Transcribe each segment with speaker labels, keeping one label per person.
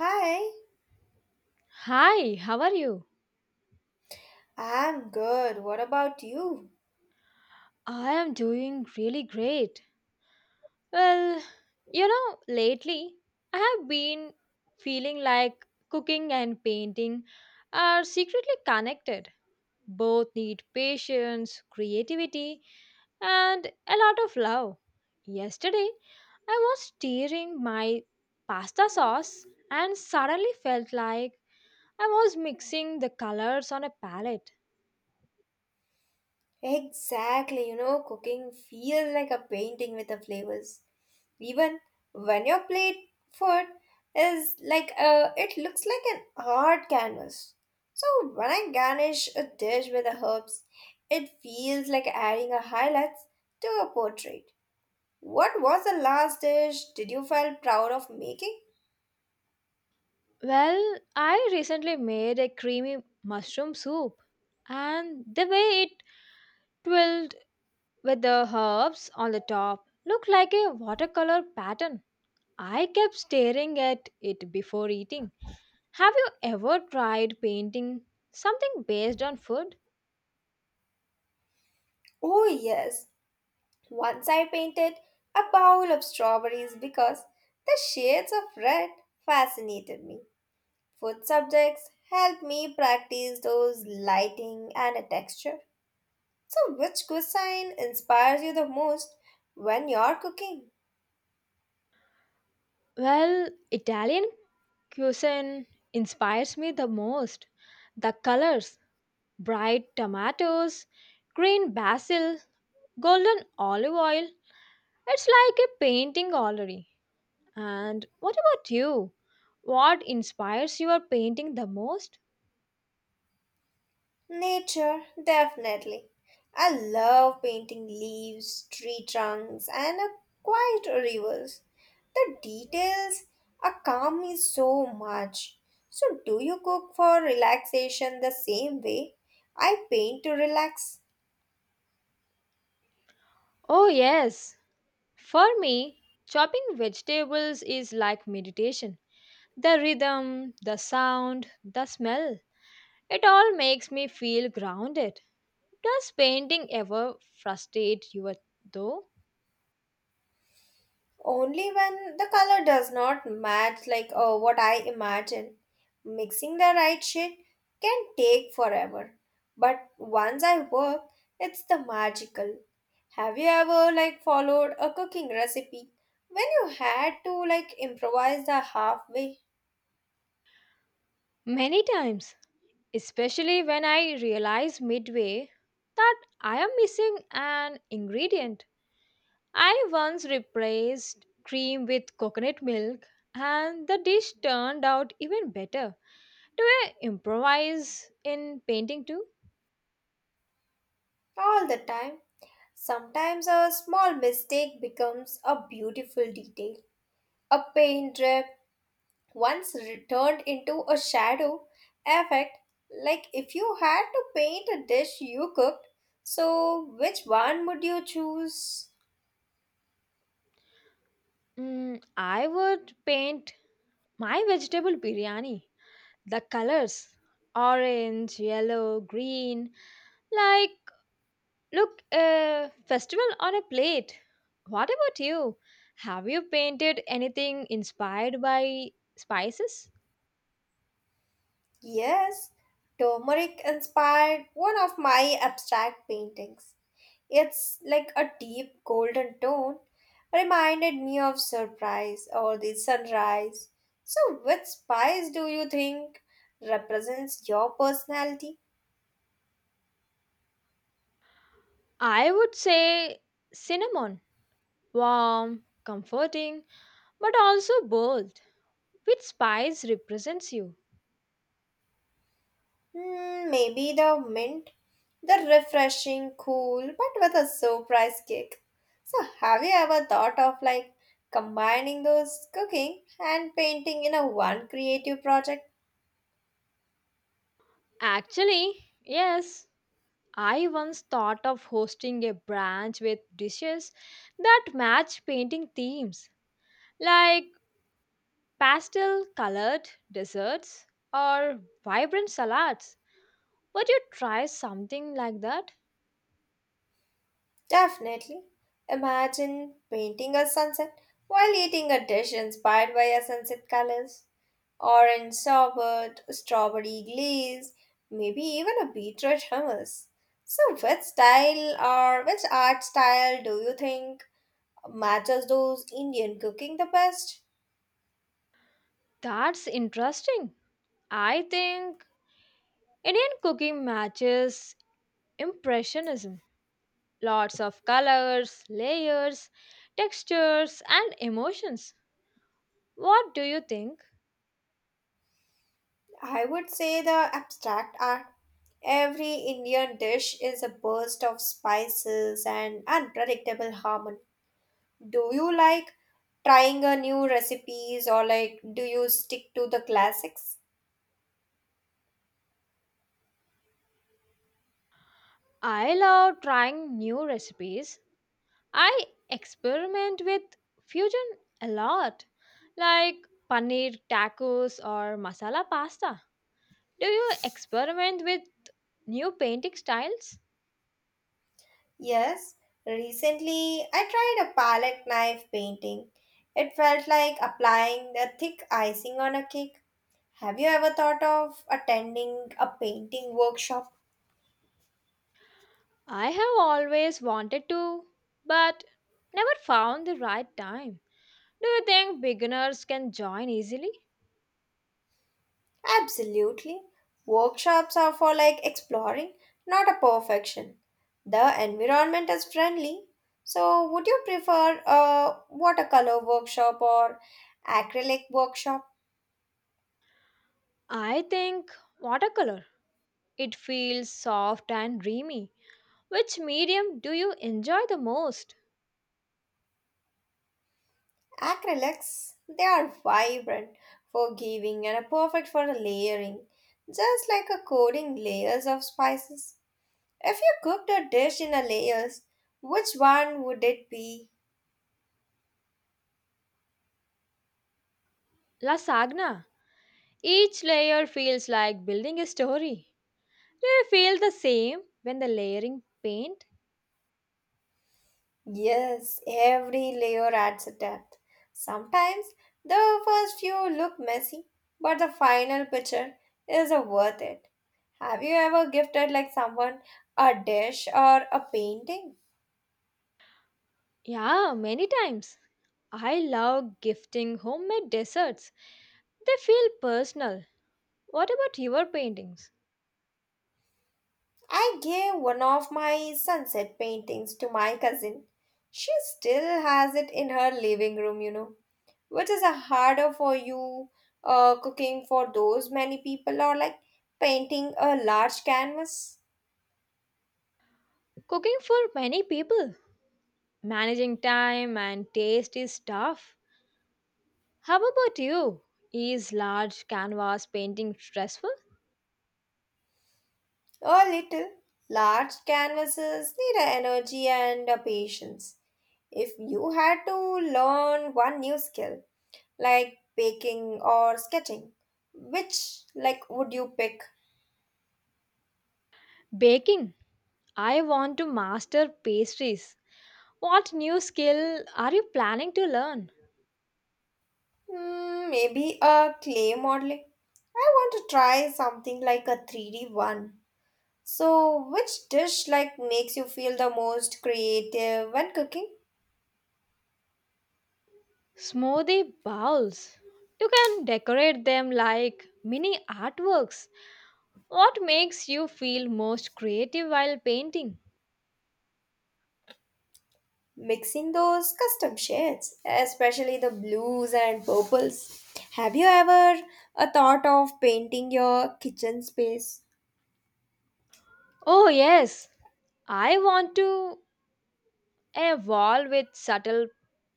Speaker 1: Hi,
Speaker 2: Hi, how are you?
Speaker 1: I'm good. What about you?
Speaker 2: I am doing really great. Well, lately I have been feeling like cooking and painting are secretly connected. Both need patience, creativity, and a lot of love. Yesterday, I was stirring my pasta sauce and suddenly felt like I was mixing the colors on a palette.
Speaker 1: Exactly, cooking feels like a painting with the flavors. Even when your plate food is like it looks like an art canvas. So when I garnish a dish with the herbs, it feels like adding a highlights to a portrait. What was the last dish did you feel proud of making?
Speaker 2: Well, I recently made a creamy mushroom soup, and the way it twirled with the herbs on the top looked like a watercolor pattern. I kept staring at it before eating. Have you ever tried painting something based on food?
Speaker 1: Oh yes. Once I painted a bowl of strawberries because the shades of red fascinated me. Food subjects helped me practice those lighting and a texture. So, which cuisine inspires you the most when you're cooking?
Speaker 2: Well, Italian cuisine inspires me the most. The colors, bright tomatoes, green basil, golden olive oil, it's like a painting gallery. And what about you? What inspires your painting the most?
Speaker 1: Nature, definitely. I love painting leaves, tree trunks, and a quiet rivers. The details are calm me so much. So, do you cook for relaxation the same way I paint to relax?
Speaker 2: Oh, yes. For me, chopping vegetables is like meditation. The rhythm, the sound, the smell, it all makes me feel grounded. Does painting ever frustrate you though?
Speaker 1: Only when the color does not match like what I imagine. Mixing the right shade can take forever. But once I work, it's the magical. Have you ever like followed a cooking recipe when you had to like improvise the halfway
Speaker 2: Many times, especially when I realize midway that I am missing an ingredient. I once replaced cream with coconut milk, and the dish turned out even better. Do I improvise in painting too?
Speaker 1: all the time? Sometimes a small mistake becomes a beautiful detail. A paint drip once returned into a shadow effect like if you had to paint a dish you cooked, so which one would you choose?
Speaker 2: I would paint my vegetable biryani. The colors orange, yellow, green like look a festival on a plate. What about you? Have you painted anything inspired by spices?
Speaker 1: Yes, turmeric inspired one of my abstract paintings. It's like a deep golden tone reminded me of surprise or the sunrise. So which spice do you think represents your personality?
Speaker 2: I would say cinnamon. Warm, comforting, but also bold. Which spice represents you?
Speaker 1: Hmm, maybe the mint. The refreshing, cool, but with a surprise kick. So, have you ever thought of like combining those cooking and painting in a one creative project?
Speaker 2: Actually, yes, I once thought of hosting a branch with dishes that match painting themes, like pastel colored desserts or vibrant salads. Would you try something like that?
Speaker 1: Definitely. Imagine painting a sunset while eating a dish inspired by a sunset colors. Orange sorbet, strawberry glaze, maybe even a beetroot hummus. So, which style or which art style do you think matches those Indian cooking the best?
Speaker 2: That's interesting. I think Indian cooking matches Impressionism. Lots of colors, layers, textures, and emotions. What do you think?
Speaker 1: I would say the abstract art. Every Indian dish is a burst of spices and unpredictable harmony. Do you like trying a new recipes or like do you stick to the classics?
Speaker 2: I love trying new recipes. I experiment with fusion a lot, like paneer tacos or masala pasta. Do you experiment with new painting styles?
Speaker 1: Yes, recently I tried a palette knife painting. It felt like applying the thick icing on a cake. Have you ever thought of attending a painting workshop?
Speaker 2: I have always wanted to, but never found the right time. Do you think beginners can join easily?
Speaker 1: Absolutely. Workshops are for like exploring, not a perfection. The environment is friendly. So, would you prefer a watercolor workshop or acrylic workshop?
Speaker 2: I think watercolor. It feels soft and dreamy. Which medium do you enjoy the most?
Speaker 1: Acrylics, they are vibrant, forgiving, and are perfect for layering, just like a coating layers of spices. If you cooked a dish in a layers, which one would it be?
Speaker 2: La Sagna. Each layer feels like building a story. Do you feel the same when the layering paint?
Speaker 1: Yes, every layer adds a depth. Sometimes the first few look messy, but the final picture is worth it. Have you ever gifted like someone a dish or a painting?
Speaker 2: Yeah, many times. I love gifting homemade desserts. They feel personal. What about your paintings?
Speaker 1: I gave one of my sunset paintings to my cousin. She still has it in her living room, you know. Which is a harder for you, cooking for those many people or like painting a large canvas?
Speaker 2: Cooking for many people. Managing time and taste is tough. How about you? Is large canvas painting stressful?
Speaker 1: A little. Large canvases need a energy and a patience. If you had to learn one new skill, like baking or sketching, which like would you pick?
Speaker 2: Baking. I want to master pastries. What new skill are you planning to learn?
Speaker 1: Hmm, maybe a clay modeling. I want to try something like a 3D one. So, which dish like makes you feel the most creative when cooking?
Speaker 2: Smoothie bowls. You can decorate them like mini artworks. What makes you feel most creative while painting?
Speaker 1: Mixing those custom shades, especially the blues and purples. Have you ever a thought of painting your kitchen space?
Speaker 2: Oh, yes. I want to a wall with subtle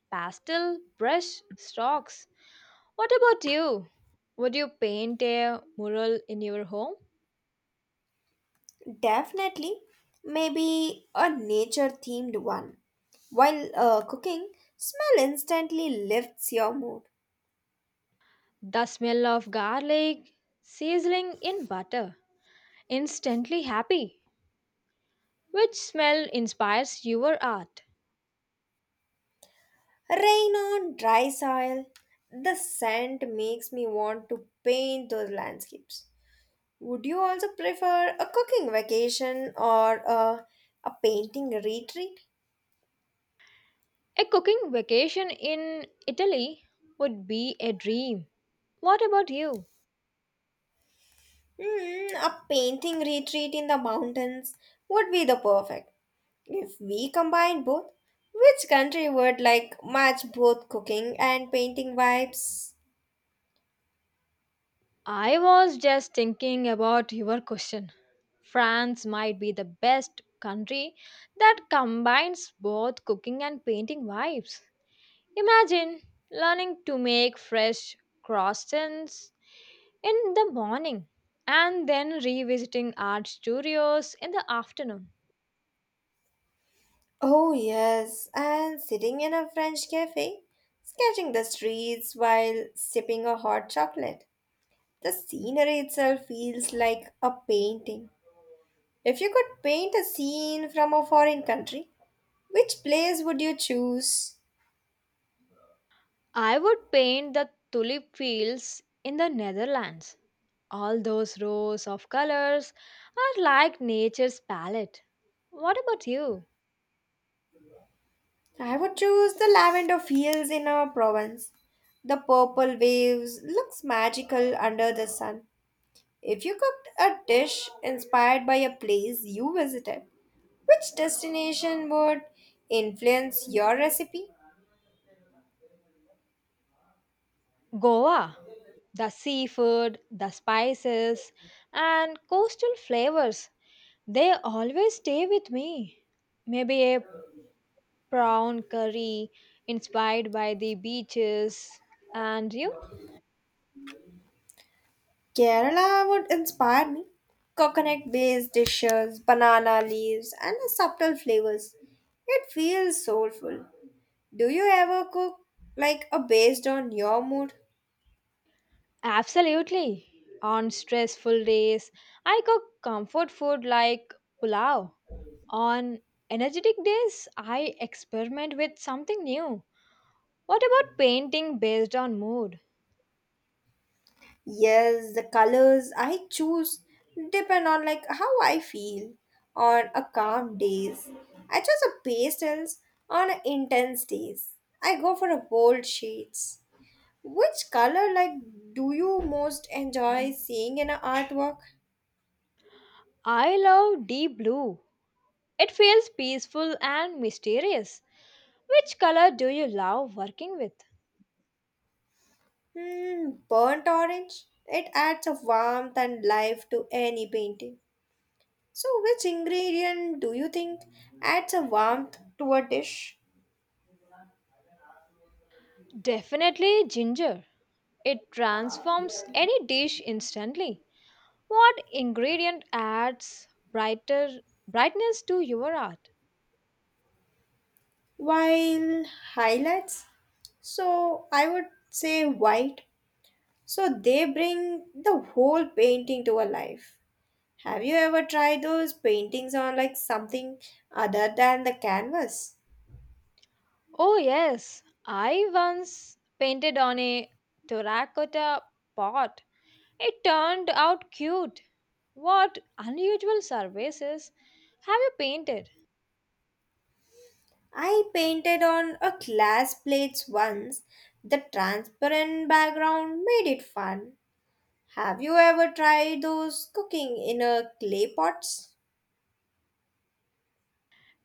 Speaker 2: pastel brush strokes. What about you? Would you paint a mural in your home?
Speaker 1: Definitely, maybe a nature themed one. While cooking, smell instantly lifts your mood.
Speaker 2: The smell of garlic sizzling in butter. Instantly happy. Which smell inspires your art?
Speaker 1: Rain on dry soil, the scent makes me want to paint those landscapes. Would you also prefer a cooking vacation or a painting retreat?
Speaker 2: A cooking vacation in Italy would be a dream. What about you?
Speaker 1: Hmm, a painting retreat in the mountains would be the perfect. If we combine both, which country would like match both cooking and painting vibes?
Speaker 2: I was just thinking about your question. France might be the best country that combines both cooking and painting vibes. Imagine learning to make fresh croissants in the morning and then revisiting art studios in the afternoon.
Speaker 1: Oh, yes, and sitting in a French cafe, sketching the streets while sipping a hot chocolate. The scenery itself feels like a painting. If you could paint a scene from a foreign country, which place would you choose?
Speaker 2: I would paint the tulip fields in the Netherlands. All those rows of colors are like nature's palette. What about you?
Speaker 1: I would choose the lavender fields in our province. The purple waves looks magical under the sun. If you cooked a dish inspired by a place you visited, which destination would influence your recipe?
Speaker 2: Goa, the seafood, the spices, and coastal flavors, they always stay with me. Maybe a prawn curry inspired by the beaches. And you?
Speaker 1: Kerala would inspire me. Coconut based dishes, banana leaves, and subtle flavors. It feels soulful. Do you ever cook like a based on your mood?
Speaker 2: Absolutely. On stressful days, I cook comfort food like pulao. On energetic days, I experiment with something new. What about painting based on mood?
Speaker 1: Yes, the colors I choose depend on like how I feel on a calm days. I choose a pastels on a intense days. I go for a bold shades. Which color like do you most enjoy seeing in an artwork?
Speaker 2: I love deep blue. It feels peaceful and mysterious. Which color do you love working with?
Speaker 1: Hmm, burnt orange. It adds a warmth and life to any painting. So which ingredient do you think adds a warmth to a dish?
Speaker 2: Definitely ginger. It transforms any dish instantly. What ingredient adds brighter brightness to your art?
Speaker 1: While highlights, so I would say white. So they bring the whole painting to a life. Have you ever tried those paintings on like something other than the canvas?
Speaker 2: Oh yes, I once painted on a terracotta pot. It turned out cute. What unusual surfaces have you painted?
Speaker 1: I painted on a glass plates once. The transparent background made it fun. Have you ever tried those cooking in a clay pots?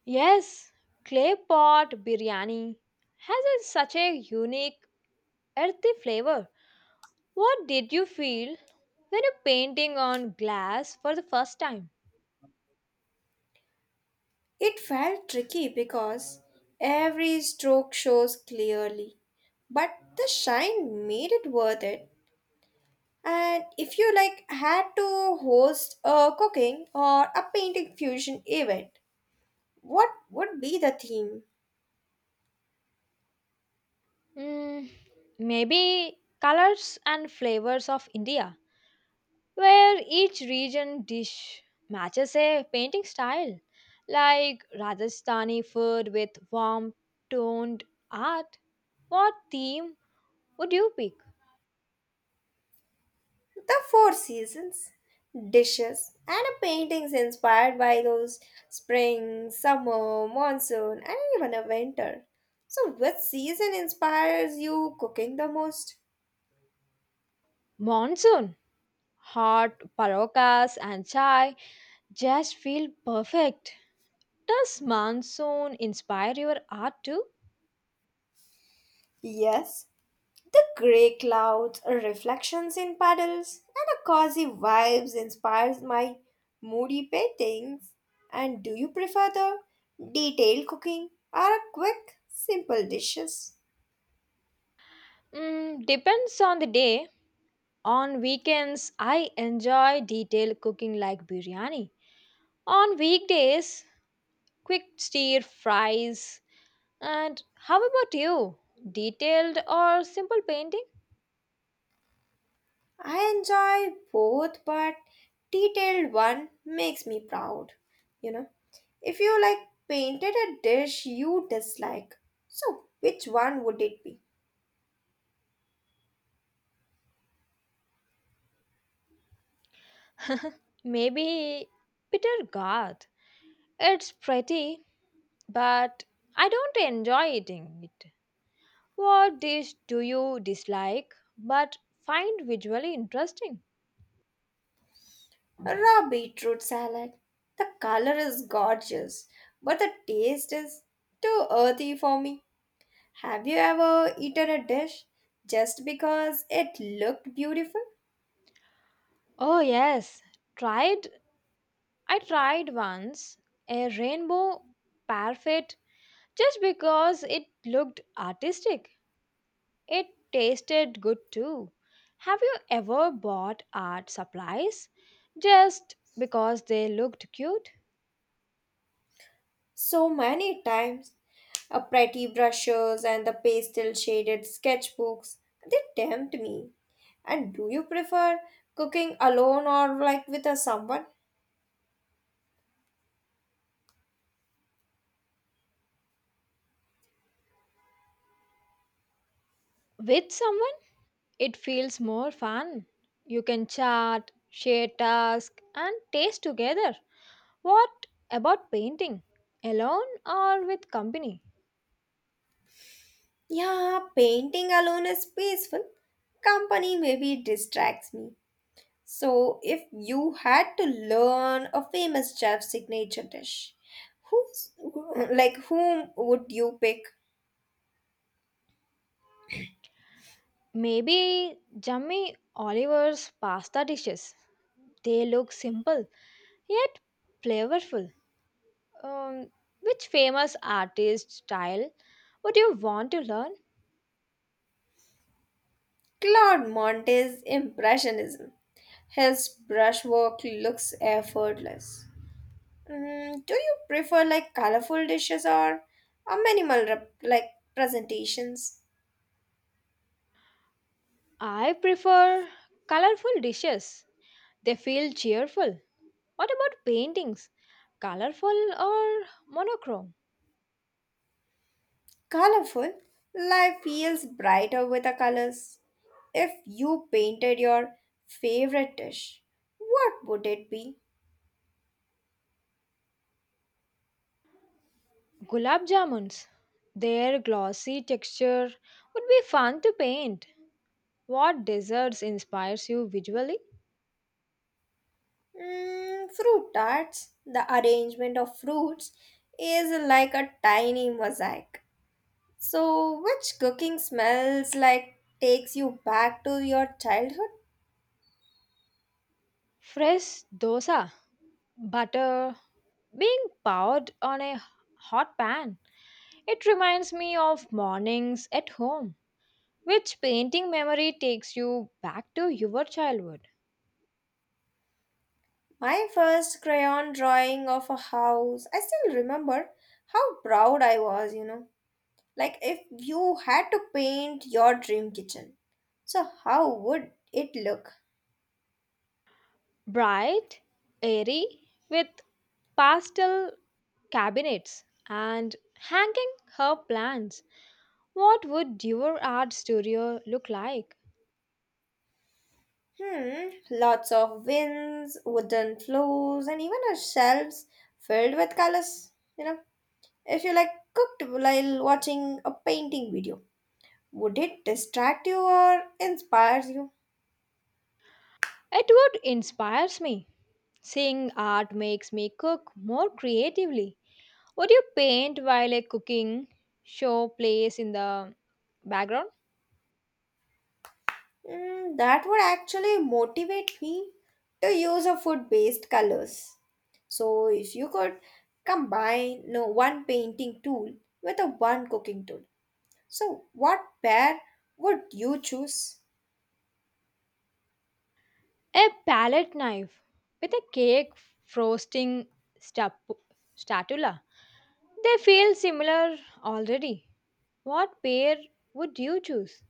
Speaker 2: Yes, clay pot biryani has a, such a unique earthy flavor. What did you feel when you're painting on glass for the first time?
Speaker 1: It felt tricky because every stroke shows clearly, but the shine made it worth it. And if you like had to host a cooking or a painting fusion event, what would be the theme?
Speaker 2: Mm, Maybe colors and flavors of India, where each region dish matches a painting style, like Rajasthani food with warm toned art. What theme would you pick?
Speaker 1: The four seasons, dishes, and a paintings inspired by those spring, summer, monsoon, and even a winter. So, which season inspires you cooking the most?
Speaker 2: Monsoon. Hot parokas and chai just feel perfect. Does monsoon inspire your art too?
Speaker 1: Yes, the grey clouds, reflections in puddles, and a cozy vibes inspires my moody paintings. And do you prefer the detailed cooking or a quick, simple dishes?
Speaker 2: Depends on the day. On weekends, I enjoy detailed cooking like biryani. On weekdays, quick stir fries. And how about you? Detailed or simple painting?
Speaker 1: I enjoy both, but detailed one makes me proud. You know, if you like painted a dish you dislike, so which one would it be?
Speaker 2: Maybe bitter gourd. It's pretty, but I don't enjoy eating it. What dish do you dislike but find visually interesting?
Speaker 1: Raw beetroot salad. The color is gorgeous, but the taste is too earthy for me. Have you ever eaten a dish just because it looked beautiful?
Speaker 2: Oh yes, tried I tried once a rainbow parfait just because it looked artistic. It tasted good too. Have you ever bought art supplies just because they looked cute?
Speaker 1: So many times. A pretty brushes and the pastel shaded sketchbooks, they tempt me. And do you prefer cooking alone or like with a someone?
Speaker 2: With someone, it feels more fun. You can chat, share tasks, and taste together. What about painting? Alone or with company?
Speaker 1: Yeah, painting alone is peaceful. Company maybe distracts me. So, if you had to learn a famous chef's signature dish, who's who- like whom would you pick?
Speaker 2: Maybe Jamie Oliver's pasta dishes. They look simple yet flavorful. Um, which famous artist style would you want to learn?
Speaker 1: Claude Monte's impressionism. His brushwork looks effortless. Mm, do you prefer like colorful dishes or a minimal rep- like presentations?
Speaker 2: I prefer colorful dishes. They feel cheerful. What about paintings? Colorful or monochrome?
Speaker 1: Colorful, life feels brighter with the colors. If you painted your favorite dish, what would it be?
Speaker 2: Gulab jamuns. Their glossy texture would be fun to paint. What desserts inspires you visually?
Speaker 1: Mm, fruit tarts. The arrangement of fruits is like a tiny mosaic. So, which cooking smells like takes you back to your childhood?
Speaker 2: Fresh dosa, butter being poured on a hot pan. It reminds me of mornings at home. Which painting memory takes you back to your childhood?
Speaker 1: My first crayon drawing of a house. I still remember how proud I was, you know. Like if you had to paint your dream kitchen. So, how would it look?
Speaker 2: Bright, airy, with pastel cabinets and hanging herb plants. What would your art studio look like?
Speaker 1: Hmm, lots of winds, wooden floors, and even a shelves filled with colors. You know, if you like cooked while watching a painting video, would it distract you or inspire you?
Speaker 2: Edward inspires me. Seeing art makes me cook more creatively. Would you paint while a cooking show plays in the background?
Speaker 1: Mm, that would actually motivate me to use a food-based colors. So if you could combine no one painting tool with a one cooking tool, so what pair would you choose?
Speaker 2: A palette knife with a cake frosting stap- spatula. They feel similar already. What pair would you choose?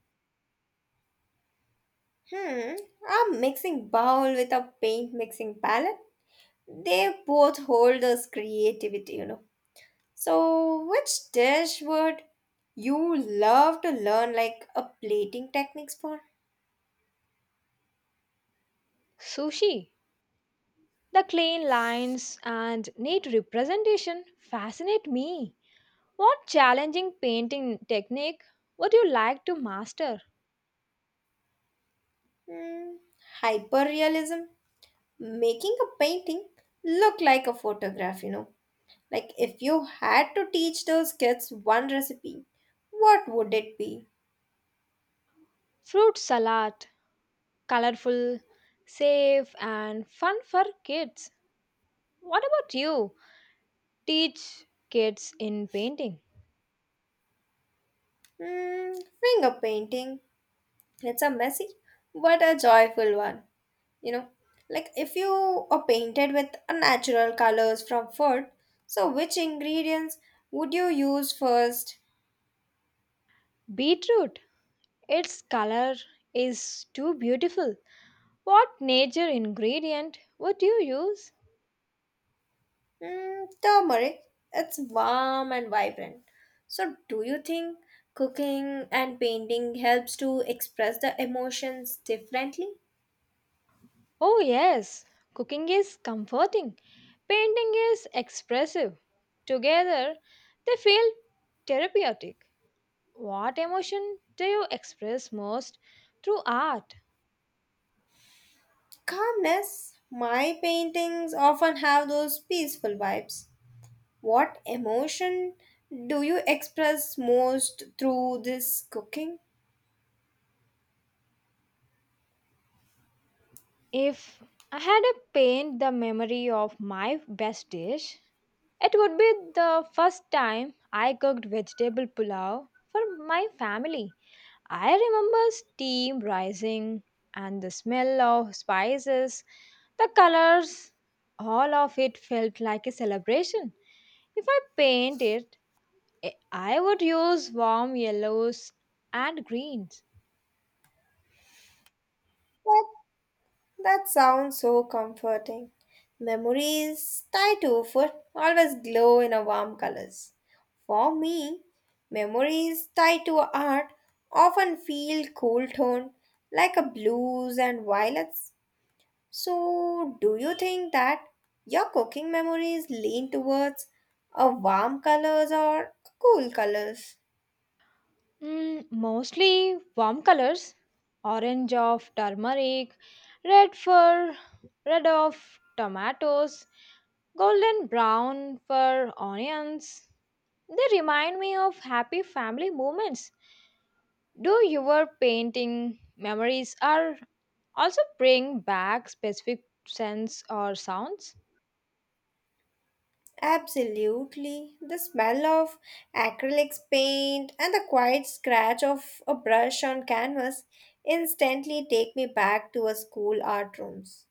Speaker 1: Hmm, a mixing bowl with a paint mixing palette. They both hold us creativity, you know. So, which dish would you love to learn like a plating techniques for?
Speaker 2: Sushi. The clean lines and neat representation fascinate me. What challenging painting technique would you like to master?
Speaker 1: Hmm, hyperrealism, making a painting look like a photograph, you know. Like if you had to teach those kids one recipe, what would it be?
Speaker 2: Fruit salad, colorful, safe, and fun for kids. What about you? Teach kids in painting.
Speaker 1: Hmm, finger painting. It's a messy but a joyful one. You know, like if you are painted with unnatural colors from food, so which ingredients would you use first?
Speaker 2: Beetroot, its color is too beautiful. What nature ingredient would you use?
Speaker 1: Mm, turmeric, it's warm and vibrant. So do you think cooking and painting helps to express the emotions differently?
Speaker 2: Oh, yes, cooking is comforting, painting is expressive. Together, they feel therapeutic. What emotion do you express most through art?
Speaker 1: Calmness, my paintings often have those peaceful vibes. What emotion do you express most through this cooking?
Speaker 2: If I had to paint the memory of my best dish, it would be the first time I cooked vegetable pulao for my family. I remember steam rising and the smell of spices, the colors, all of it felt like a celebration. If I paint it, I would use warm yellows and greens.
Speaker 1: What? That sounds so comforting. Memories tied to food always glow in a warm colors. For me, memories tied to art often feel cool toned like a blues and violets. So, do you think that your cooking memories lean towards a warm colors or cool colors?
Speaker 2: Mostly warm colors orange of turmeric, red for red of tomatoes, golden brown for onions. They remind me of happy family moments. Do your painting memories are also bring back specific scents or sounds?
Speaker 1: Absolutely. The smell of acrylics paint and the quiet scratch of a brush on canvas instantly take me back to a school art rooms.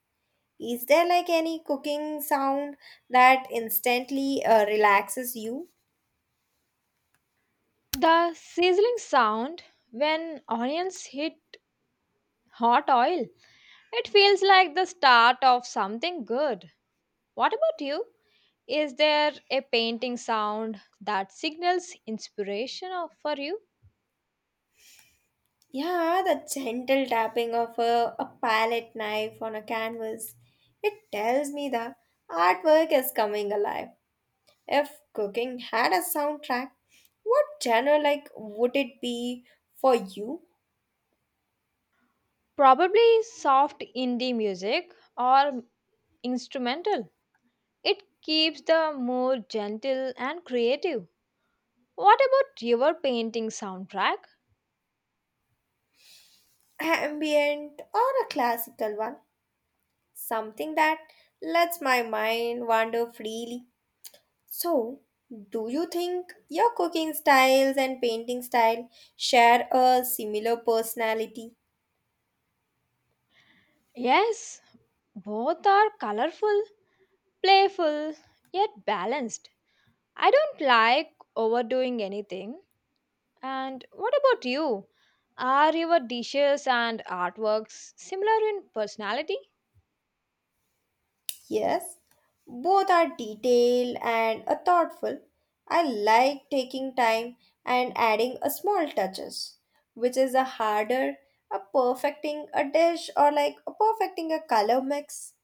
Speaker 1: Is there like any cooking sound that instantly relaxes you?
Speaker 2: The sizzling sound when onions hit hot oil. It feels like the start of something good. What about you? Is there a painting sound that signals for you?
Speaker 1: Yeah, the gentle tapping of a palette knife on a canvas. It tells me the artwork is coming alive. If cooking had a soundtrack, what genre like would it be for you?
Speaker 2: Probably soft indie music or instrumental. It keeps the mood gentle and creative. What about your painting soundtrack?
Speaker 1: Ambient or a classical one? Something that lets my mind wander freely. So, do you think your cooking styles and painting style share a similar personality?
Speaker 2: Yes, both are colorful, playful, yet balanced. I don't like overdoing anything. And what about you? Are your dishes and artworks similar in personality?
Speaker 1: Yes, both are detailed and a thoughtful. I like taking time and adding a small touches, which is a harder a perfecting a dish or like a perfecting a color mix.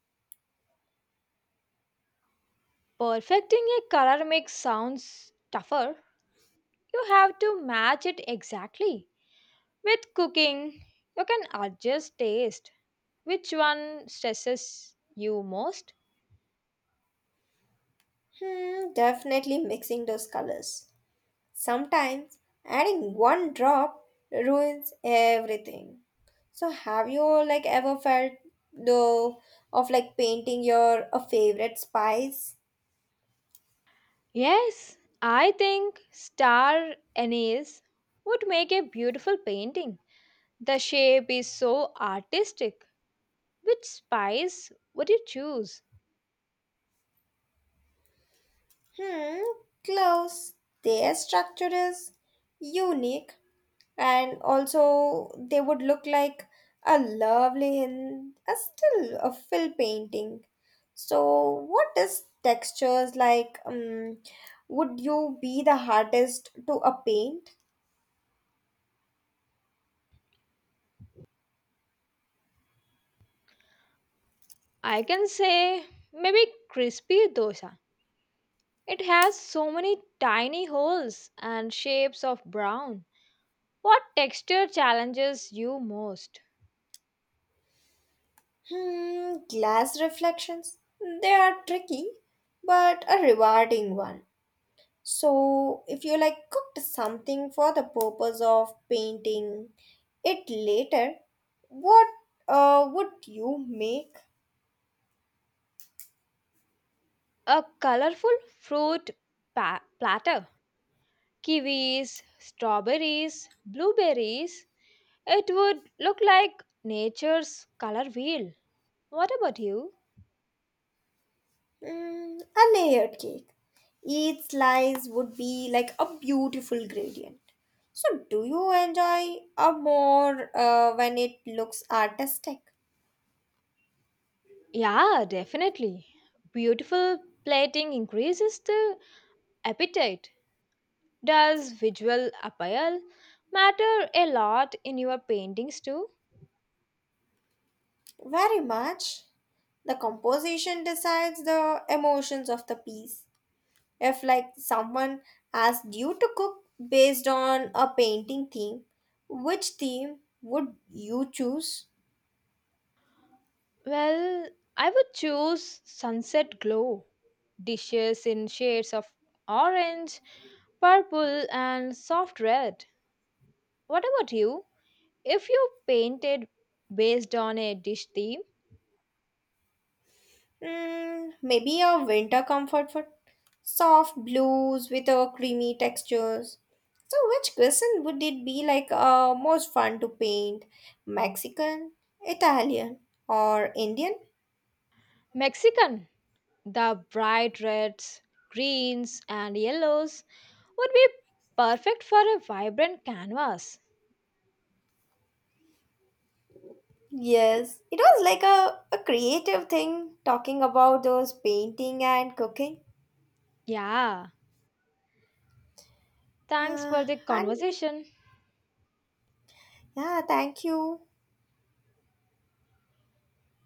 Speaker 2: Perfecting a color mix sounds tougher. You have to match it exactly. With cooking, you can adjust taste. Which one stresses you most?
Speaker 1: Hmm, definitely mixing those colors. Sometimes adding one drop ruins everything. So have you like ever felt though of like painting your a favorite spice?
Speaker 2: Yes, I think star anise would make a beautiful painting. The shape is so artistic. Which spice would you choose?
Speaker 1: Hmm, close. Their structure is unique and also they would look like a lovely Hind, a still a fill painting. So, what is textures like? Would you be the hardest to a paint?
Speaker 2: I can say maybe crispy dosa. It has so many tiny holes and shapes of brown. What texture challenges you most?
Speaker 1: Hmm, glass reflections. They are tricky, but a rewarding one. So, if you like cooked something for the purpose of painting it later, what would you make?
Speaker 2: A colorful fruit platter. Kiwis, strawberries, blueberries. It would look like nature's color wheel. What about you?
Speaker 1: Mm, a layered cake. Each slice would be like a beautiful gradient. So, do you enjoy a more when it looks artistic?
Speaker 2: Yeah, definitely. Beautiful plating increases the appetite. Does visual appeal matter a lot in your paintings too?
Speaker 1: Very much. The composition decides the emotions of the piece. If like someone asked you to cook based on a painting theme, which theme would you choose?
Speaker 2: Well, I would choose sunset glow, dishes in shades of orange, purple, and soft red. What about you? If you painted based on a dish theme,
Speaker 1: Mm, maybe a winter comfort food, soft blues with a creamy textures. So which cuisine would it be like most fun to paint? Mexican, Italian, or Indian?
Speaker 2: Mexican, the bright reds, greens, and yellows would be perfect for a vibrant canvas.
Speaker 1: Yes, it was like a creative thing talking about those painting and cooking.
Speaker 2: Yeah, thanks
Speaker 1: Uh,
Speaker 2: for the
Speaker 1: and
Speaker 2: conversation.
Speaker 1: Yeah, thank you.